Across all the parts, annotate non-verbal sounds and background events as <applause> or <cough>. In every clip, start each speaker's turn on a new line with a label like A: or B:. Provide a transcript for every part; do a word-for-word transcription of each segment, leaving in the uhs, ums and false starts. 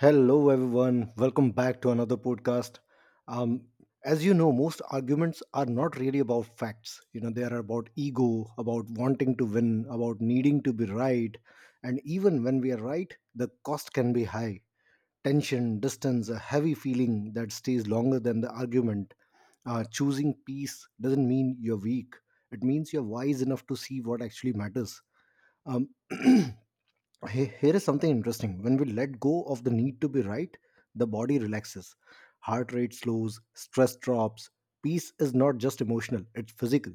A: Hello, everyone. Welcome back to another podcast. Um, as you know, most arguments are not really about facts. You know, they are about ego, about wanting to win, about needing to be right. And even when we are right, the cost can be high. Tension, distance, a heavy feeling that stays longer than the argument. Uh, choosing peace doesn't mean you're weak, it means you're wise enough to see what actually matters. Um, <clears throat> He- Here is something interesting. When we let go of the need to be right, the body relaxes. Heart rate slows, stress drops. Peace is not just emotional, it's physical.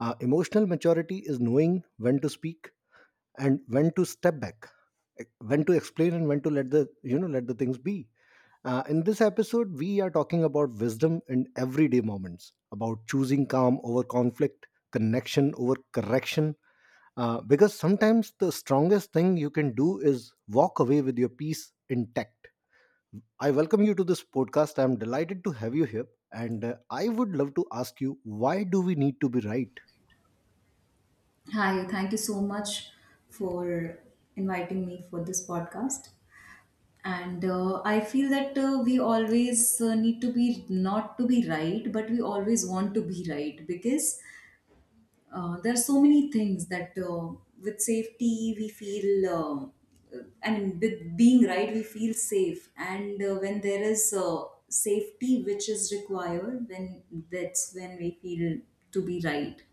A: Uh, emotional maturity is knowing when to speak and when to step back, eh, when to explain and when to let the you know let the things be. Uh, in this episode, we are talking about wisdom in everyday moments, about choosing calm over conflict, connection over correction, uh, because sometimes the strongest thing you can do is walk away with your peace intact. I welcome you to this podcast. I'm delighted to have you here. And uh, I would love to ask you, why do we need to be right?
B: Hi, thank you so much for inviting me for this podcast. And uh, I feel that uh, we always uh, need to be not to be right, but we always want to be right because uh, there are so many things that uh, with safety we feel. Uh, I mean, with being right, we feel safe. And uh, When there is uh, safety which is required, then that's when we feel to be right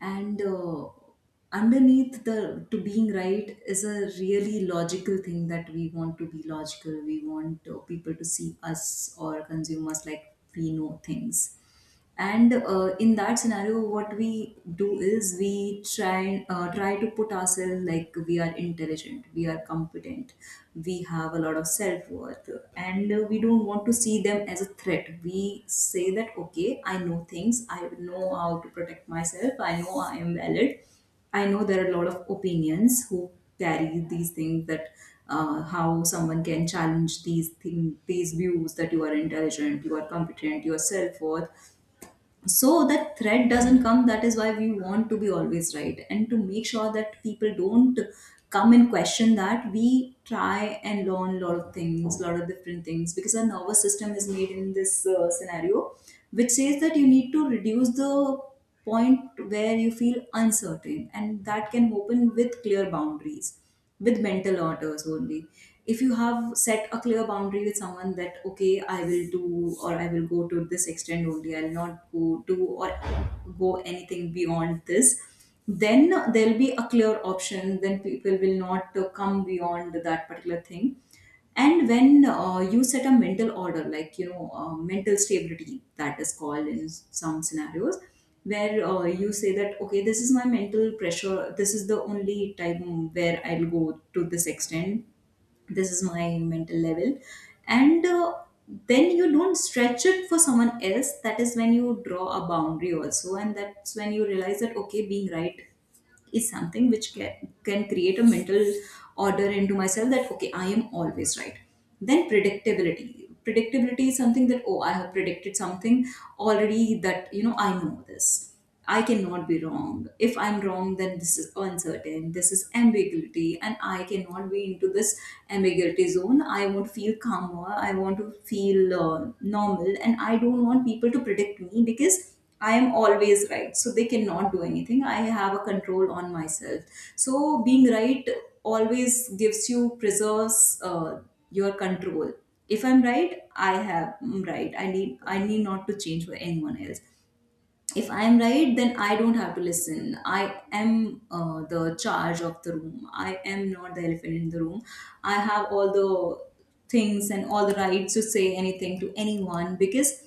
B: and uh, underneath the to being right is a really logical thing, that we want to be logical, we want uh, people to see us or consume us like we know things, and uh, in that scenario what we do is we try and uh, try to put ourselves like we are intelligent, we are competent, we have a lot of self worth, and uh, we don't want to see them as a threat. We say that okay, I know things, I know how to protect myself, I know I am valid. I know there are a lot of opinions who carry these things, that uh, how someone can challenge these thing, these views that you are intelligent, you are competent, your self worth. So that threat doesn't come, that is why we want to be always right, and to make sure that people don't come and question that, we try and learn a lot of things, a lot of different things, because our nervous system is made in this uh, scenario which says that you need to reduce the point where you feel uncertain, and that can open with clear boundaries, with mental orders only. If you have set a clear boundary with someone that okay, I will do, or I will go to this extent only, I'll not go do or go anything beyond this, then there'll be a clear option, then people will not uh, come beyond that particular thing. And when uh, you set a mental order, like you know, uh, mental stability that is called in s- some scenarios, where uh, you say that okay, this is my mental pressure, this is the only time where I'll go to this extent, this is my mental level, and uh, then you don't stretch it for someone else, that is when you draw a boundary also, and that's when you realize that okay, being right is something which can, can create a mental order into myself, that okay, I am always right. Then predictability, predictability is something that oh, I have predicted something already, that you know, I know this, I cannot be wrong. If I'm wrong, then this is uncertain, this is ambiguity, and I cannot be into this ambiguity zone. I want to feel calmer, I want to feel uh, normal, and I don't want people to predict me because I am always right. So they cannot do anything. I have a control on myself. So being right always gives you, preserves uh, your control. If I'm right, I have I'm right. I need I need not to change for anyone else. If I am right, then I don't have to listen. I am uh, the charge of the room, I am not the elephant in the room. I have all the things and all the rights to say anything to anyone, because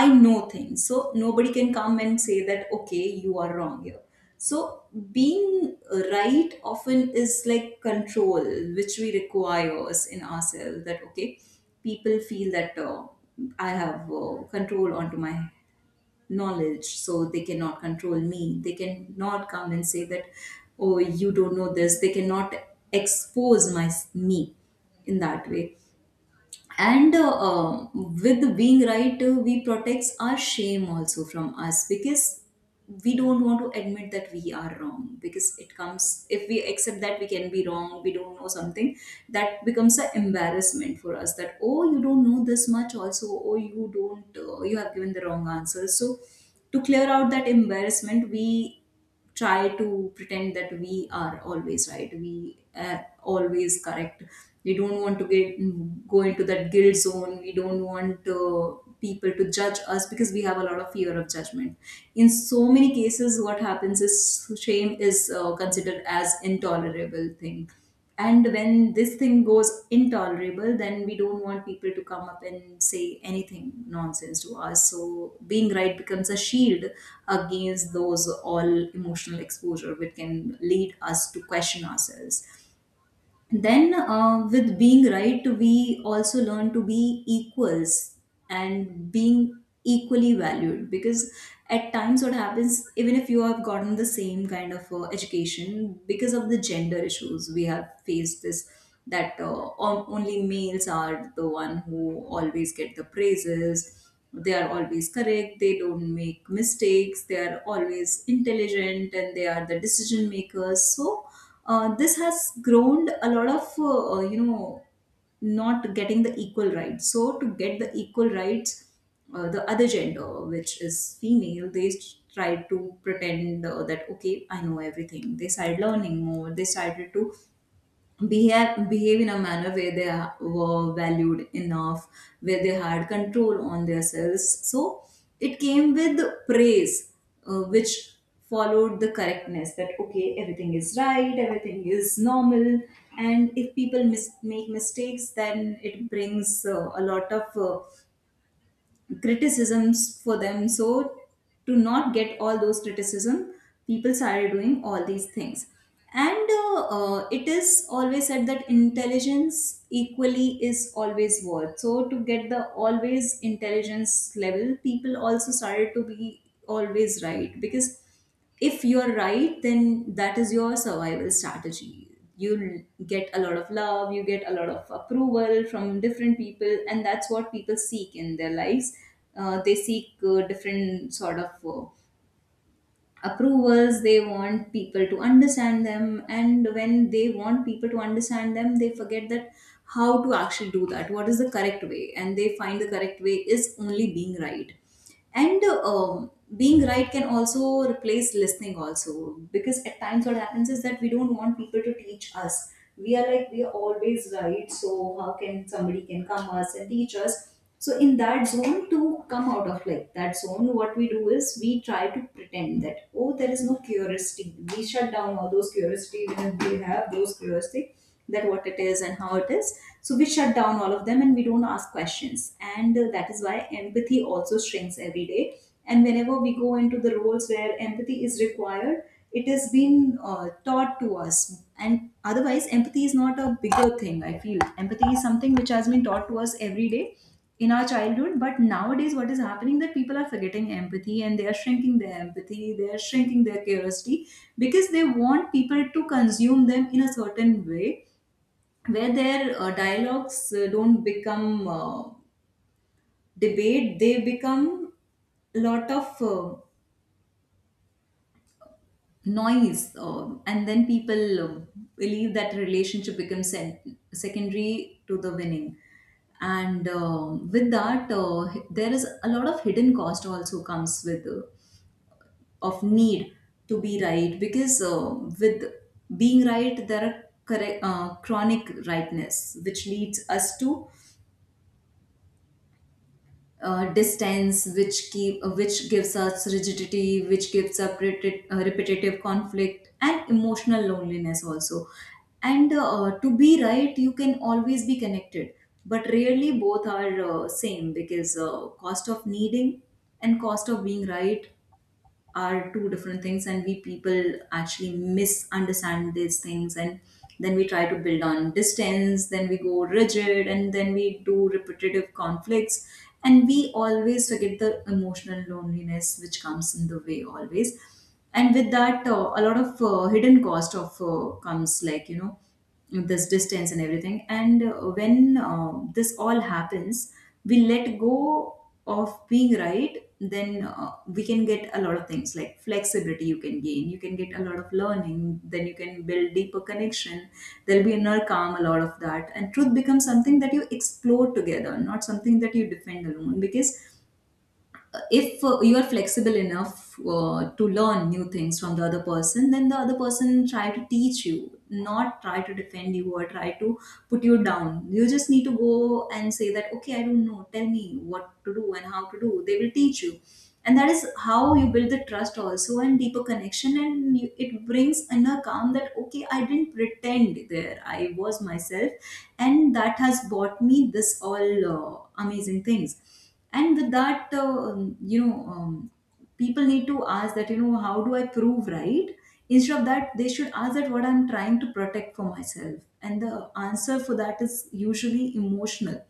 B: I know things, so nobody can come and say that okay, you are wrong here. So being right often is like control, which we requires in ourselves, that okay, people feel that uh, I have uh, control onto my knowledge, so they cannot control me, they cannot come and say that oh, you don't know this. They cannot expose my me in that way. And uh, uh, with being right uh, we protects our shame also from us, because we don't want to admit that we are wrong, because it comes if we accept that we can be wrong, we don't know something, that becomes an embarrassment for us, that oh, you don't know this much also, oh, you don't uh, you have given the wrong answer. So to clear out that embarrassment, we try to pretend that we are always right, we are always correct. We don't want to get go into that guilt zone, we don't want uh, people to judge us, because we have a lot of fear of judgment. In so many cases, what happens is shame is uh, considered as intolerable thing, and when this thing goes intolerable, then we don't want people to come up and say anything nonsense to us. So being right becomes a shield against those all emotional exposure which can lead us to question ourselves. Then uh, with being right, we also learn to be equals and being equally valued, because at times what happens, even if you have gotten the same kind of uh, education, because of the gender issues we have faced this, that uh, on- only males are the one who always get the praises, they are always correct, they don't make mistakes, they are always intelligent, and they are the decision makers. So uh, this has grown a lot of uh, uh, you know, not getting the equal rights. So to get the equal rights, uh, the other gender, which is female, they s- tried to pretend uh, that okay, I know everything. They started learning more, they started to behave, behave in a manner where they are- were valued enough, where they had control on themselves. So it came with praise, uh, which followed the correctness, that okay, everything is right, everything is normal, and if people mis- make mistakes, then it brings uh, a lot of uh, criticisms for them. So to not get all those criticism, people started doing all these things. And uh, uh, It is always said that intelligence equally is always worth. So to get the always intelligence level, people also started to be always right, because if you're right, then that is your survival strategy. You'll get a lot of love, you get a lot of approval from different people, and that's what people seek in their lives. Uh, they seek uh, different sort of uh, approvals, they want people to understand them, and when they want people to understand them, they forget that how to actually do that, what is the correct way, and they find the correct way is only being right. And um, being right can also replace listening also, because at times what happens is that we don't want people to teach us, we are like we are always right, so how can somebody can come us and teach us. So in that zone, to come out of like that zone, what we do is we try to pretend that oh, there is no curiosity. We shut down all those curiosity even if we have those curiosity, that what it is and how it is. So we shut down all of them, and we don't ask questions. And uh, That is why empathy also shrinks every day. And whenever we go into the roles where empathy is required, it has been uh, taught to us. And otherwise, empathy is not a bigger thing. I feel empathy is something which has been taught to us every day in our childhood, but nowadays what is happening, that people are forgetting empathy, and they are shrinking their empathy, they are shrinking their curiosity, because they want people to consume them in a certain way, where their uh, dialogues uh, don't become uh, debate, they become a lot of uh, noise, um, and then people um, believe that relationship becomes sen- secondary to the winning. And um, with that uh, h- there is a lot of hidden cost also comes with uh, of need to be right, because uh, with being right, there are correct uh, chronic rightness, which leads us to uh, distance, which keep uh, which gives us rigidity, which gives up repetit- uh, repetitive conflict and emotional loneliness also. And uh, To be right, you can always be connected, but rarely both are uh, same, because uh, cost of needing and cost of being right are two different things, and we people actually misunderstand these things, and then we try to build on distance, then we go rigid, and then we do repetitive conflicts, and we always forget the emotional loneliness which comes in the way always. And with that uh, a lot of uh, hidden cost of uh, comes, like you know, this distance and everything. And uh, when uh, this all happens, we let go of being right, then uh, we can get a lot of things like flexibility, you can gain, you can get a lot of learning, then you can build deeper connection. There'll be inner calm, a lot of that, and truth becomes something that you explore together, not something that you defend alone, because if uh, you are flexible enough uh, to learn new things from the other person, then the other person try to teach you, not try to defend you or try to put you down. You just need to go and say that, okay, I don't know, tell me what to do and how to do. They will teach you, and that is how you build the trust also and deeper connection. And you, it brings an account that okay, I didn't pretend there, I was myself, and that has brought me this all uh, amazing things. And with that uh, um, you know um, people need to ask that, you know, how do I prove right? Instead of that, they should ask that what I'm trying to protect for myself, and the answer for that is usually emotional,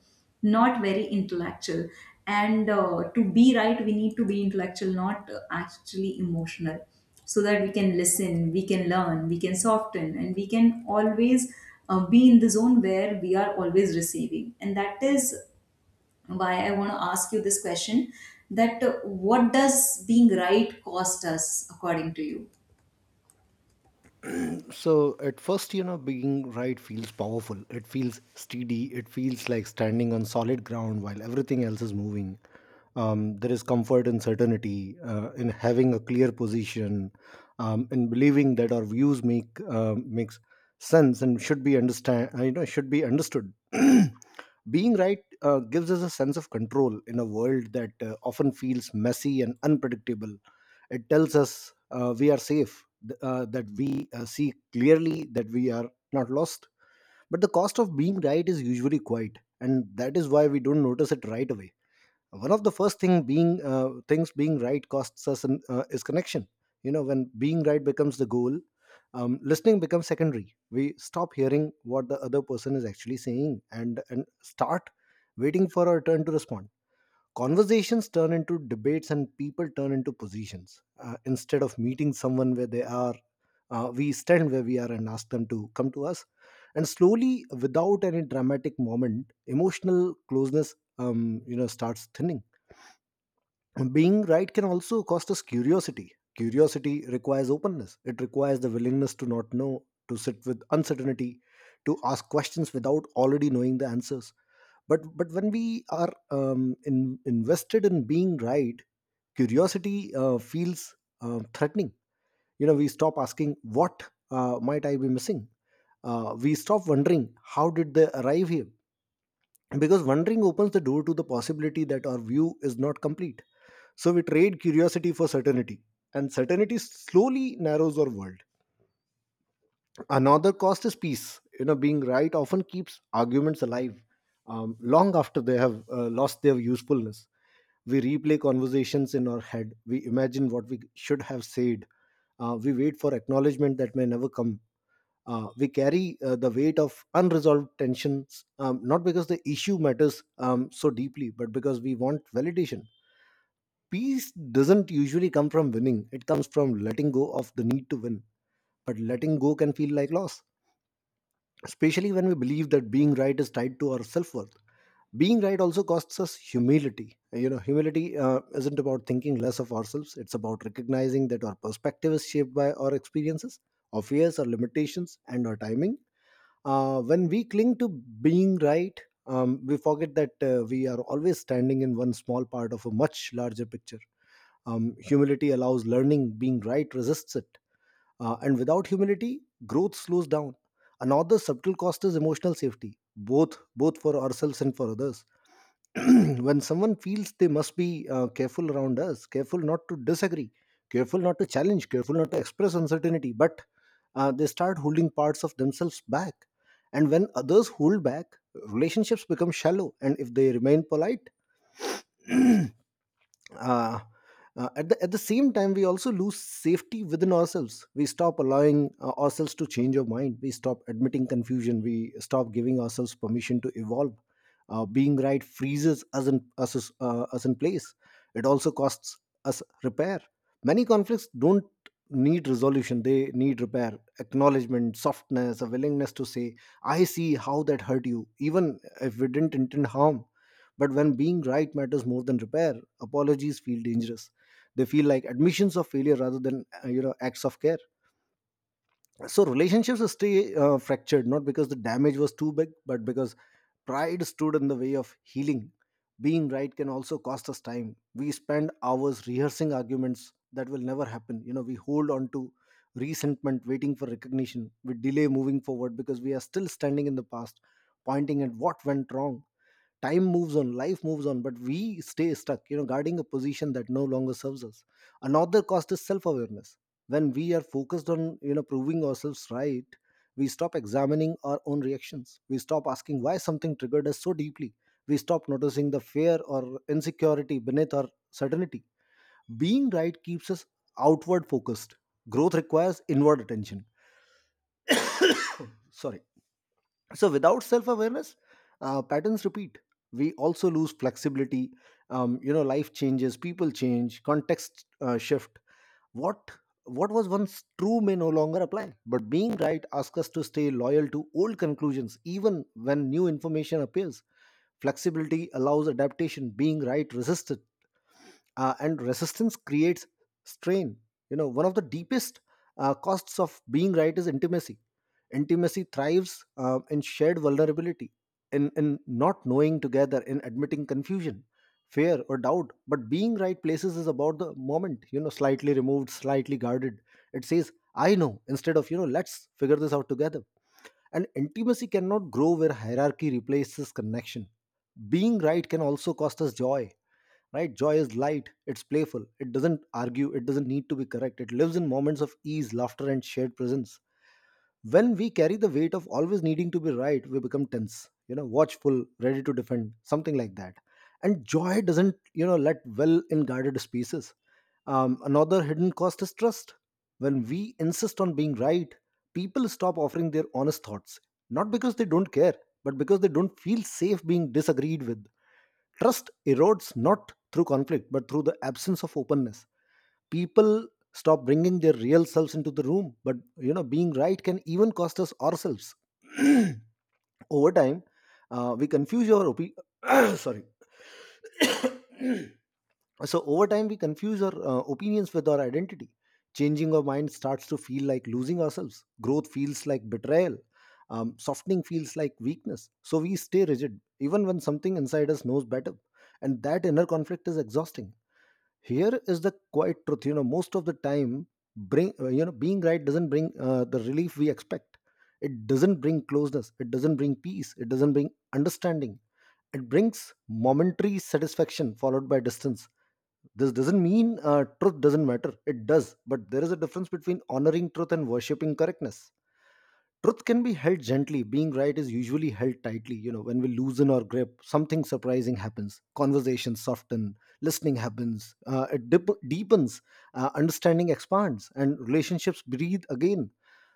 B: not very intellectual. And uh, to be right, we need to be intellectual, not uh, actually emotional, so that we can listen, we can learn, we can soften, and we can always uh, be in the zone where we are always receiving. And that is why I want to ask you this question, that uh, what does being right cost us according to you?
A: So at first, you know, being right feels powerful, it feels steady, it feels like standing on solid ground while everything else is moving. Um, there is comfort in certainty, uh, in having a clear position, um, in believing that our views make uh, makes sense and should be understand uh, you know, should be understood. <clears throat> Being right uh, gives us a sense of control in a world that uh, often feels messy and unpredictable. It tells us, uh, we are safe, th- uh, that we uh, see clearly, that we are not lost. But the cost of being right is usually quite, and that is why we don't notice it right away. One of the first thing being uh, things being right costs us an, uh, is connection. You know, when being right becomes the goal, um, listening becomes secondary. We stop hearing what the other person is actually saying, and and start waiting for our turn to respond. Conversations turn into debates, and people turn into positions. Uh, instead of meeting someone where they are, uh, we stand where we are and ask them to come to us. And slowly, without any dramatic moment, emotional closeness, um, you know, starts thinning. And being right can also cost us curiosity. Curiosity requires openness, it requires the willingness to not know, to sit with uncertainty, to ask questions without already knowing the answers. But but when we are, um, in, invested in being right, curiosity uh, feels uh, threatening. You know, we stop asking, what uh, might I be missing? Uh, we stop wondering, how did they arrive here? Because wondering opens the door to the possibility that our view is not complete. So we trade curiosity for certainty, and certainty slowly narrows our world. Another cost is peace. You know, being right often keeps arguments alive, um, long after they have uh, lost their usefulness. We replay conversations in our head. We imagine what we should have said. Uh, we wait for acknowledgement that may never come. Uh, we carry uh, the weight of unresolved tensions, um, not because the issue matters um, so deeply, but because we want validation. Peace doesn't usually come from winning, it comes from letting go of the need to win. But letting go can feel like loss, especially when we believe that being right is tied to our self-worth. Being right also costs us humility. You know, humility uh, isn't about thinking less of ourselves, it's about recognizing that our perspective is shaped by our experiences, our fears, our limitations, and our timing. Uh, when we cling to being right, um, we forget that uh, we are always standing in one small part of a much larger picture. Um, humility allows learning, being right resists it. Uh, and without humility, growth slows down. Another subtle cost is emotional safety, both both for ourselves and for others. <clears throat> When someone feels they must be uh, careful around us, careful not to disagree, careful not to challenge, careful not to express uncertainty, but uh, they start holding parts of themselves back. And when others hold back, relationships become shallow. And if they remain polite, <clears throat> uh, uh, at, the, at the same time we also lose safety within ourselves. We stop allowing uh, ourselves to change our mind, we stop admitting confusion, we stop giving ourselves permission to evolve. Uh, being right freezes us in, us, is- uh, us in place. It also costs us repair. Many conflicts don't need resolution, they need repair, acknowledgement, softness, a willingness to say, I see how that hurt you, even if we didn't intend harm. But when being right matters more than repair, apologies feel dangerous. They feel like admissions of failure rather than, uh, you know, acts of care. So relationships stay uh, fractured, not because the damage was too big, but because pride stood in the way of healing. Being right can also cost us time. We spend hours rehearsing arguments that will never happen. You know, we hold on to resentment, waiting for recognition. We delay moving forward because we are still standing in the past, pointing at what went wrong. Time moves on, life moves on, but we stay stuck, you know, guarding a position that no longer serves us. Another cost is self awareness. When we are focused on, you know, proving ourselves right, we stop examining our own reactions, we stop asking why something triggered us so deeply, we stop noticing the fear or insecurity beneath our certainty. Being right keeps us outward focused, growth requires inward attention. Sorry. So without self awareness, uh, patterns repeat. We also lose flexibility. Um, you know, life changes, people change, context uh, shift. What what was once true may no longer apply. But being right asks us to stay loyal to old conclusions, even when new information appears. Flexibility allows adaptation, being right resists it. Uh, and resistance creates strain. You know, one of the deepest uh, costs of being right is intimacy. Intimacy thrives uh, in shared vulnerability, in, in not knowing together, in admitting confusion, fear or doubt. But being right places is about the moment, you know, slightly removed, slightly guarded. It says, I know, instead of, you know, let's figure this out together. And intimacy cannot grow where hierarchy replaces connection. Being right can also cost us joy. Right, joy is light, it's playful, it doesn't argue, it doesn't need to be correct, it lives in moments of ease, laughter, and shared presence. When we carry the weight of always needing to be right, we become tense, you know, watchful, ready to defend, something like that. And joy doesn't, you know, let well in guarded spaces. Um, another hidden cost is trust. When we insist on being right, people stop offering their honest thoughts, not because they don't care, but because they don't feel safe being disagreed with. Trust erodes not through conflict, but through the absence of openness. People stop bringing their real selves into the room. But you know, being right can even cost us ourselves. <clears throat> Over time, uh, we confuse our opi- <coughs> sorry <coughs> so over time, we confuse our uh, opinions with our identity. Changing our mind starts to feel like losing ourselves. Growth feels like betrayal. Um, softening feels like weakness. So we stay rigid, even when something inside us knows better. And that inner conflict is exhausting. Here is the quiet truth. You know, most of the time, bring uh, you know, being right doesn't bring uh, the relief we expect. It doesn't bring closeness. It doesn't bring peace. It doesn't bring understanding. It brings momentary satisfaction followed by distance. This doesn't mean uh, truth doesn't matter. It does, but there is a difference between honoring truth and worshipping correctness. Truth can be held gently, being right is usually held tightly. You know, when we loosen our grip, something surprising happens. Conversations soften, listening happens, uh, it dip- deepens, uh, understanding expands, and relationships breathe again.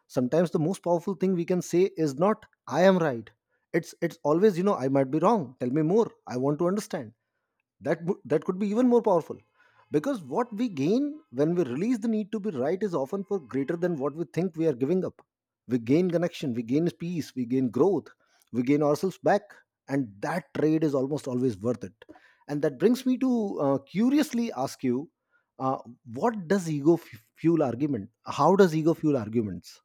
A: Sometimes the most powerful thing we can say is not "I am right." It's it's always, you know, I might be wrong. Tell me more. I want to understand. That would that could be even more powerful, because what we gain when we release the need to be right is often for greater than what we think we are giving up. We gain connection, we gain peace, we gain growth, we gain ourselves back. And that trade is almost always worth it. And that brings me to uh, curiously ask you, uh, what does ego f- fuel argument how does ego fuel arguments?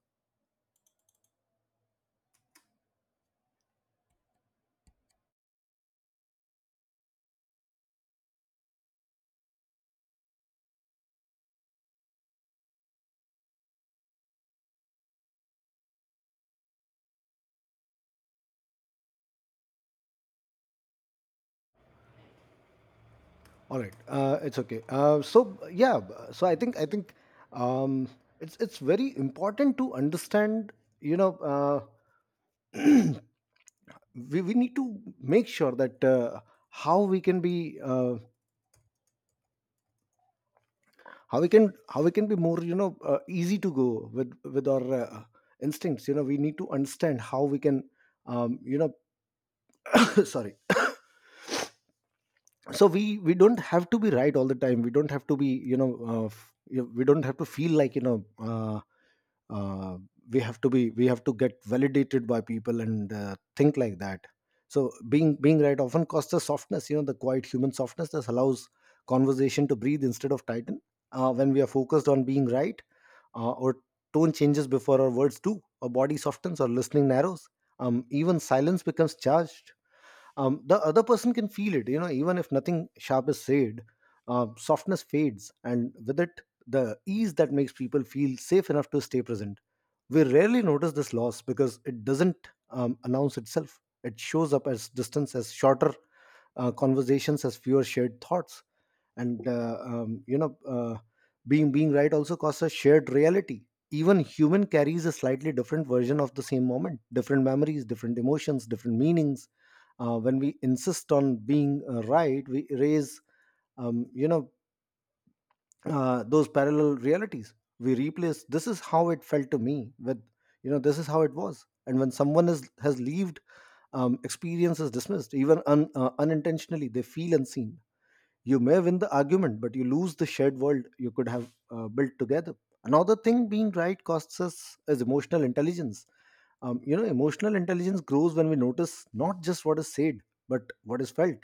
A: All right, uh, it's okay. Uh, so yeah, so I think I think um, it's it's very important to understand. You know, uh, <clears throat> we we need to make sure that uh, how we can be uh, how we can how we can be more, you know, uh, easy to go with with our uh, instincts. You know, we need to understand how we can um, you know, <coughs> sorry <coughs> so we we don't have to be right all the time. We don't have to be, you know, uh, f- you know, we don't have to feel like, you know, uh, uh, we have to be we have to get validated by people and uh, think like that. So being being right often costs us softness. You know, the quiet human softness that allows conversation to breathe instead of tighten. Uh, when we are focused on being right, uh, our tone changes before our words do, our body softens, our listening narrows. Um, even silence becomes charged. Um, the other person can feel it, you know, even if nothing sharp is said. Uh, softness fades, and with it the ease that makes people feel safe enough to stay present. We rarely notice this loss because it doesn't, um, announce itself. It shows up as distance, as shorter uh, conversations, as fewer shared thoughts. And uh, um, you know uh, being being right also costs a shared reality. Even human carries a slightly different version of the same moment, different memories, different emotions, different meanings. Uh, when we insist on being uh, right, we erase, um, you know uh, those parallel realities. We replace, this is how it felt to me, with, you know, this is how it was. And when someone is has lived, um, experience is dismissed, even un, uh, unintentionally, they feel unseen. You may win the argument, but you lose the shared world you could have uh, built together. Another thing being right costs us is emotional intelligence. Um, you know, emotional intelligence grows when we notice not just what is said, but what is felt.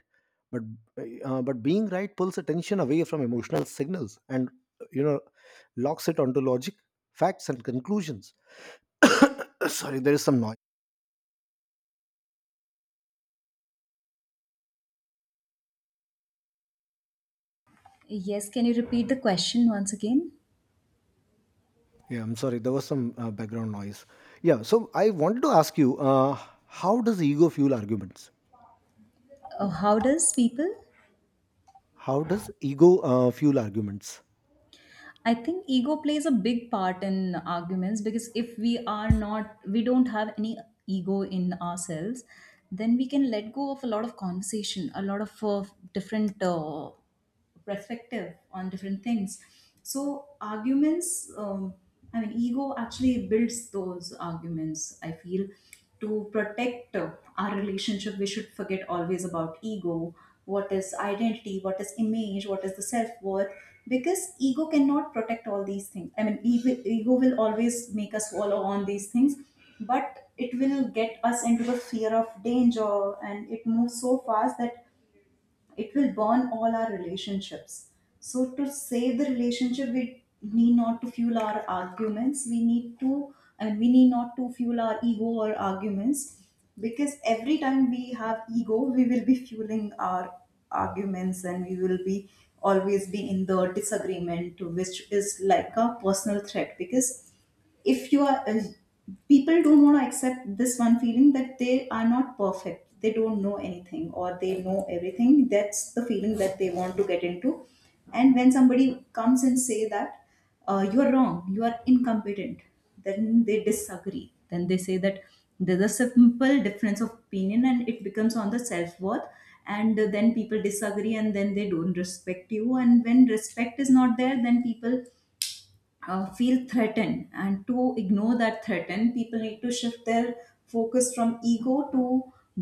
A: But uh, but being right pulls attention away from emotional signals and, you know, locks it onto logic, facts, and conclusions. <coughs> Sorry, there is some noise.
B: Yes, can you repeat the question once again?
A: Yeah, I'm sorry. There was some uh, background noise. Yeah, so I wanted to ask you, uh, how does ego fuel arguments?
B: Uh, how does people?
A: How does ego uh, fuel arguments?
B: I think ego plays a big part in arguments, because if we are not, we don't have any ego in ourselves, then we can let go of a lot of conversation, a lot of uh, different uh, perspective on different things. So arguments, um, I mean, ego actually builds those arguments. I feel to protect uh, our relationship, we should forget always about ego. What is identity? What is image? What is the self worth? Because ego cannot protect all these things. I mean, ego, ego will always make us follow on these things, but it will get us into the fear of danger, and it moves so fast that it will burn all our relationships. So to save the relationship, we need not to fuel our arguments. We need to, and we need not to fuel our ego or arguments, because every time we have ego, we will be fueling our arguments, and we will be always be in the disagreement, which is like a personal threat. Because if you are uh, people don't want to accept this one feeling that they are not perfect, they don't know anything, or they know everything. That's the feeling that they want to get into. And when somebody comes and say that uh, you are wrong, you are incompetent, then they disagree, then they say that there's a simple difference of opinion, and it becomes on the self-worth. And then people disagree and then they don't respect you, and when respect is not there, then people uh, feel threatened. And to ignore that threaten, people need to shift their focus from ego to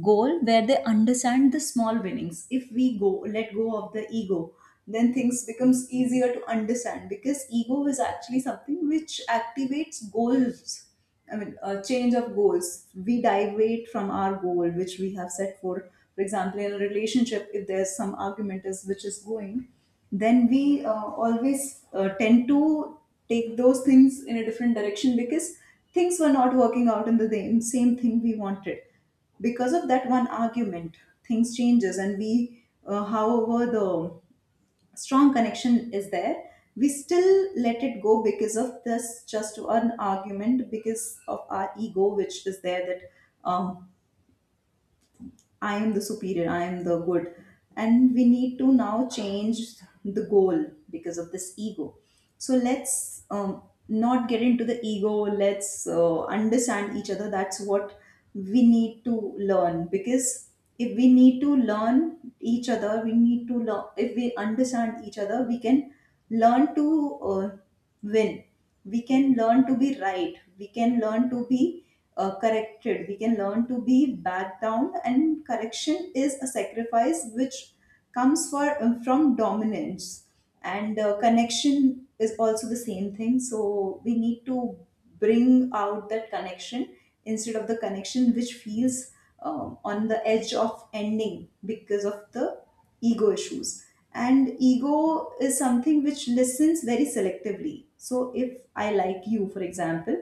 B: goal, where they understand the small winnings. If we go let go of the ego, then things becomes easier to understand, because ego is actually something which activates goals. I mean, a change of goals. We deviate from our goal, which we have set for. For example, in a relationship, if there's some argument is which is going, then we uh, always uh, tend to take those things in a different direction, because things were not working out in the same same thing we wanted. Because of that one argument, things changes, and we, uh, however, the strong connection is there, we still let it go because of this just an argument, because of our ego which is there, that um, I am the superior, I am the good. And we need to now change the goal because of this ego. So let's um, not get into the ego, let's uh, understand each other. That's what we need to learn, because if we need to learn each other, we need to learn, if we understand each other, we can learn to uh, win, we can learn to be right, we can learn to be uh, corrected, we can learn to be backed down. And correction is a sacrifice which comes for, uh, from dominance, and uh, connection is also the same thing. So we need to bring out that connection instead of the connection which feels um, on the edge of ending because of the ego issues. And ego is something which listens very selectively. So if I like you, for example,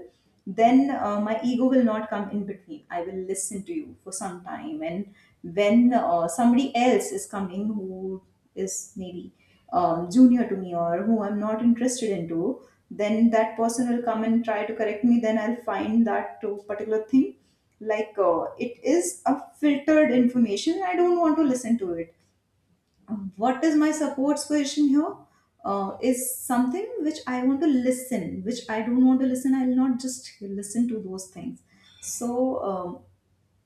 B: then uh, my ego will not come in between. I will listen to you for some time. And when uh, somebody else is coming who is maybe um, junior to me, or who I'm not interested into, then that person will come and try to correct me. Then I'll find that uh, particular thing like uh, it is a filtered information. I don't want to listen to it. What is my support position here uh, is something which I want to listen, which I don't want to listen. I'll not just listen to those things. So, um,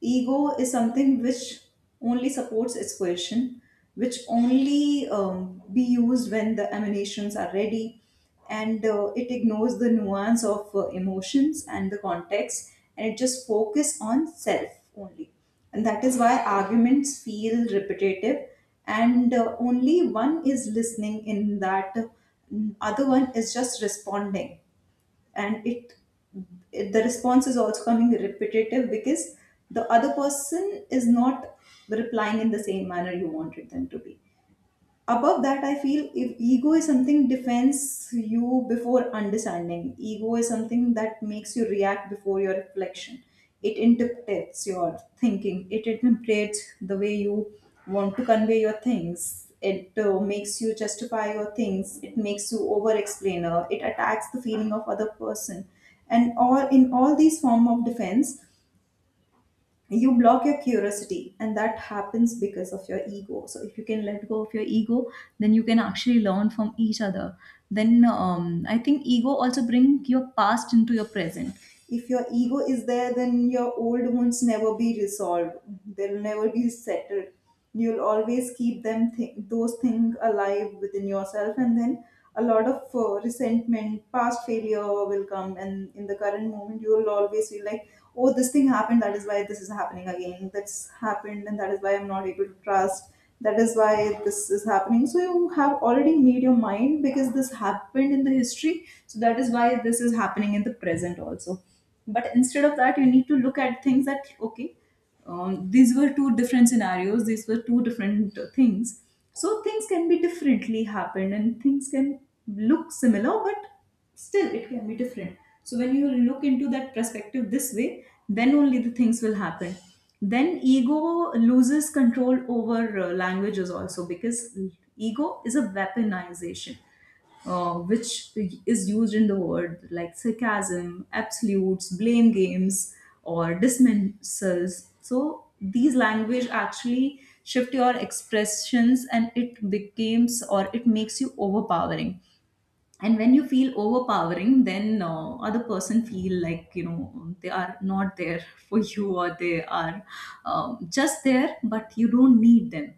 B: ego is something which only supports its question, which only um, be used when the emanations are ready, and uh, it ignores the nuance of uh, emotions and the context, and it just focus on self only. And that is why arguments feel repetitive, and uh, only one is listening in that, uh, other one is just responding. And it, it the response is also coming repetitive because the other person is not replying in the same manner you wanted them to be. Above that, I feel, if ego is something defends you before understanding, ego is something that makes you react before your reflection. It interprets your thinking, it interprets the way you want to convey your things, it uh, makes you justify your things, it makes you over explainer, it attacks the feeling of other person. And all in all these form of defense, you block your curiosity, and that happens because of your ego. So if you can let go of your ego, then you can actually learn from each other. Then um, I think ego also bring your past into your present. If your ego is there, then your old wounds never be resolved, they'll never be settled. You'll always keep them th- those things alive within yourself, and then a lot of uh, resentment, past failure will come, and in the current moment you will always feel like, oh, this thing happened, that is why this is happening again, that's happened, and that is why I'm not able to trust, that is why this is happening. So you have already made your mind, because this happened in the history, so that is why this is happening in the present also. But instead of that, you need to look at things that okay, um, these were two different scenarios, these were two different uh, things. So things can be differently happened, and things can look similar, but still it can be different. So when you look into that perspective this way, then only the things will happen. Then ego loses control over uh, languages also, because ego is a weaponization uh, which is used in the word like sarcasm, absolutes, blame games, or dismissals. So these language actually shift your expressions, and it becomes or it makes you overpowering. And when you feel overpowering, then uh, other person feel like, you know, they are not there for you, or they are um, just there, but you don't need them.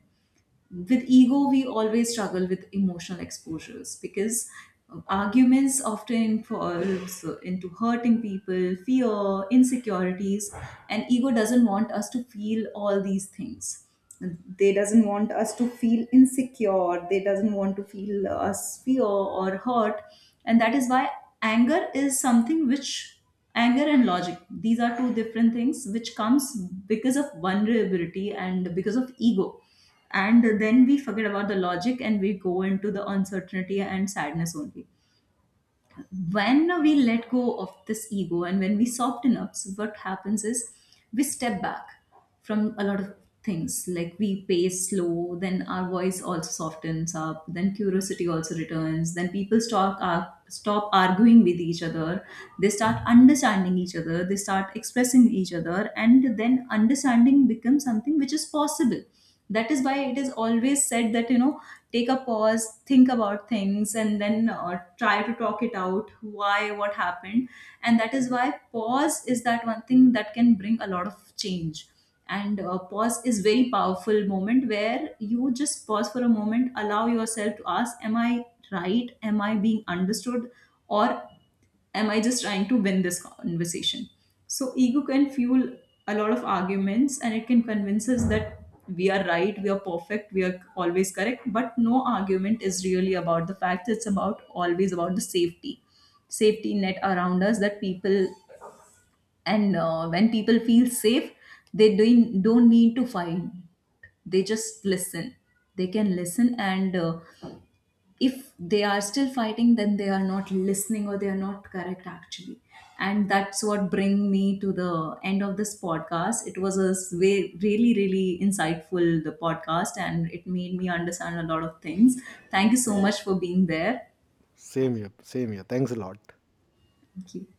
B: With ego, we always struggle with emotional exposures, because um, arguments often involves into hurting people, fear, insecurities, and ego doesn't want us to feel all these things. They doesn't want us to feel insecure, they doesn't want to feel us fear or hurt. And that is why anger is something which, anger and logic, these are two different things which comes because of vulnerability and because of ego. And then we forget about the logic, and we go into the uncertainty and sadness only. When we let go of this ego and when we soften up, so what happens is we step back from a lot of things, like we pace slow, then our voice also softens up, then curiosity also returns, then people stop uh, stop arguing with each other. They start understanding each other, they start expressing each other, and then understanding becomes something which is possible. That is why it is always said that, you know, take a pause, think about things, and then uh, try to talk it out, why, what happened. And that is why pause is that one thing that can bring a lot of change. And uh, pause is very powerful moment where you just pause for a moment, allow yourself to ask, am I right, am I being understood, or am I just trying to win this conversation? So ego can fuel a lot of arguments, and it can convince us that we are right, we are perfect, we are always correct. But no argument is really about the facts, it's about always about the safety, safety net around us, that people, and uh, when people feel safe, they don't don't need to fight, they just listen. They can listen, and uh, if they are still fighting, then they are not listening, or they are not correct actually. And that's what bring me to the end of this podcast. It was a s- way really really insightful, the podcast, and it made me understand a lot of things. Thank you so much for being there.
A: Same here. Same here. Thanks a lot.
B: Thank you.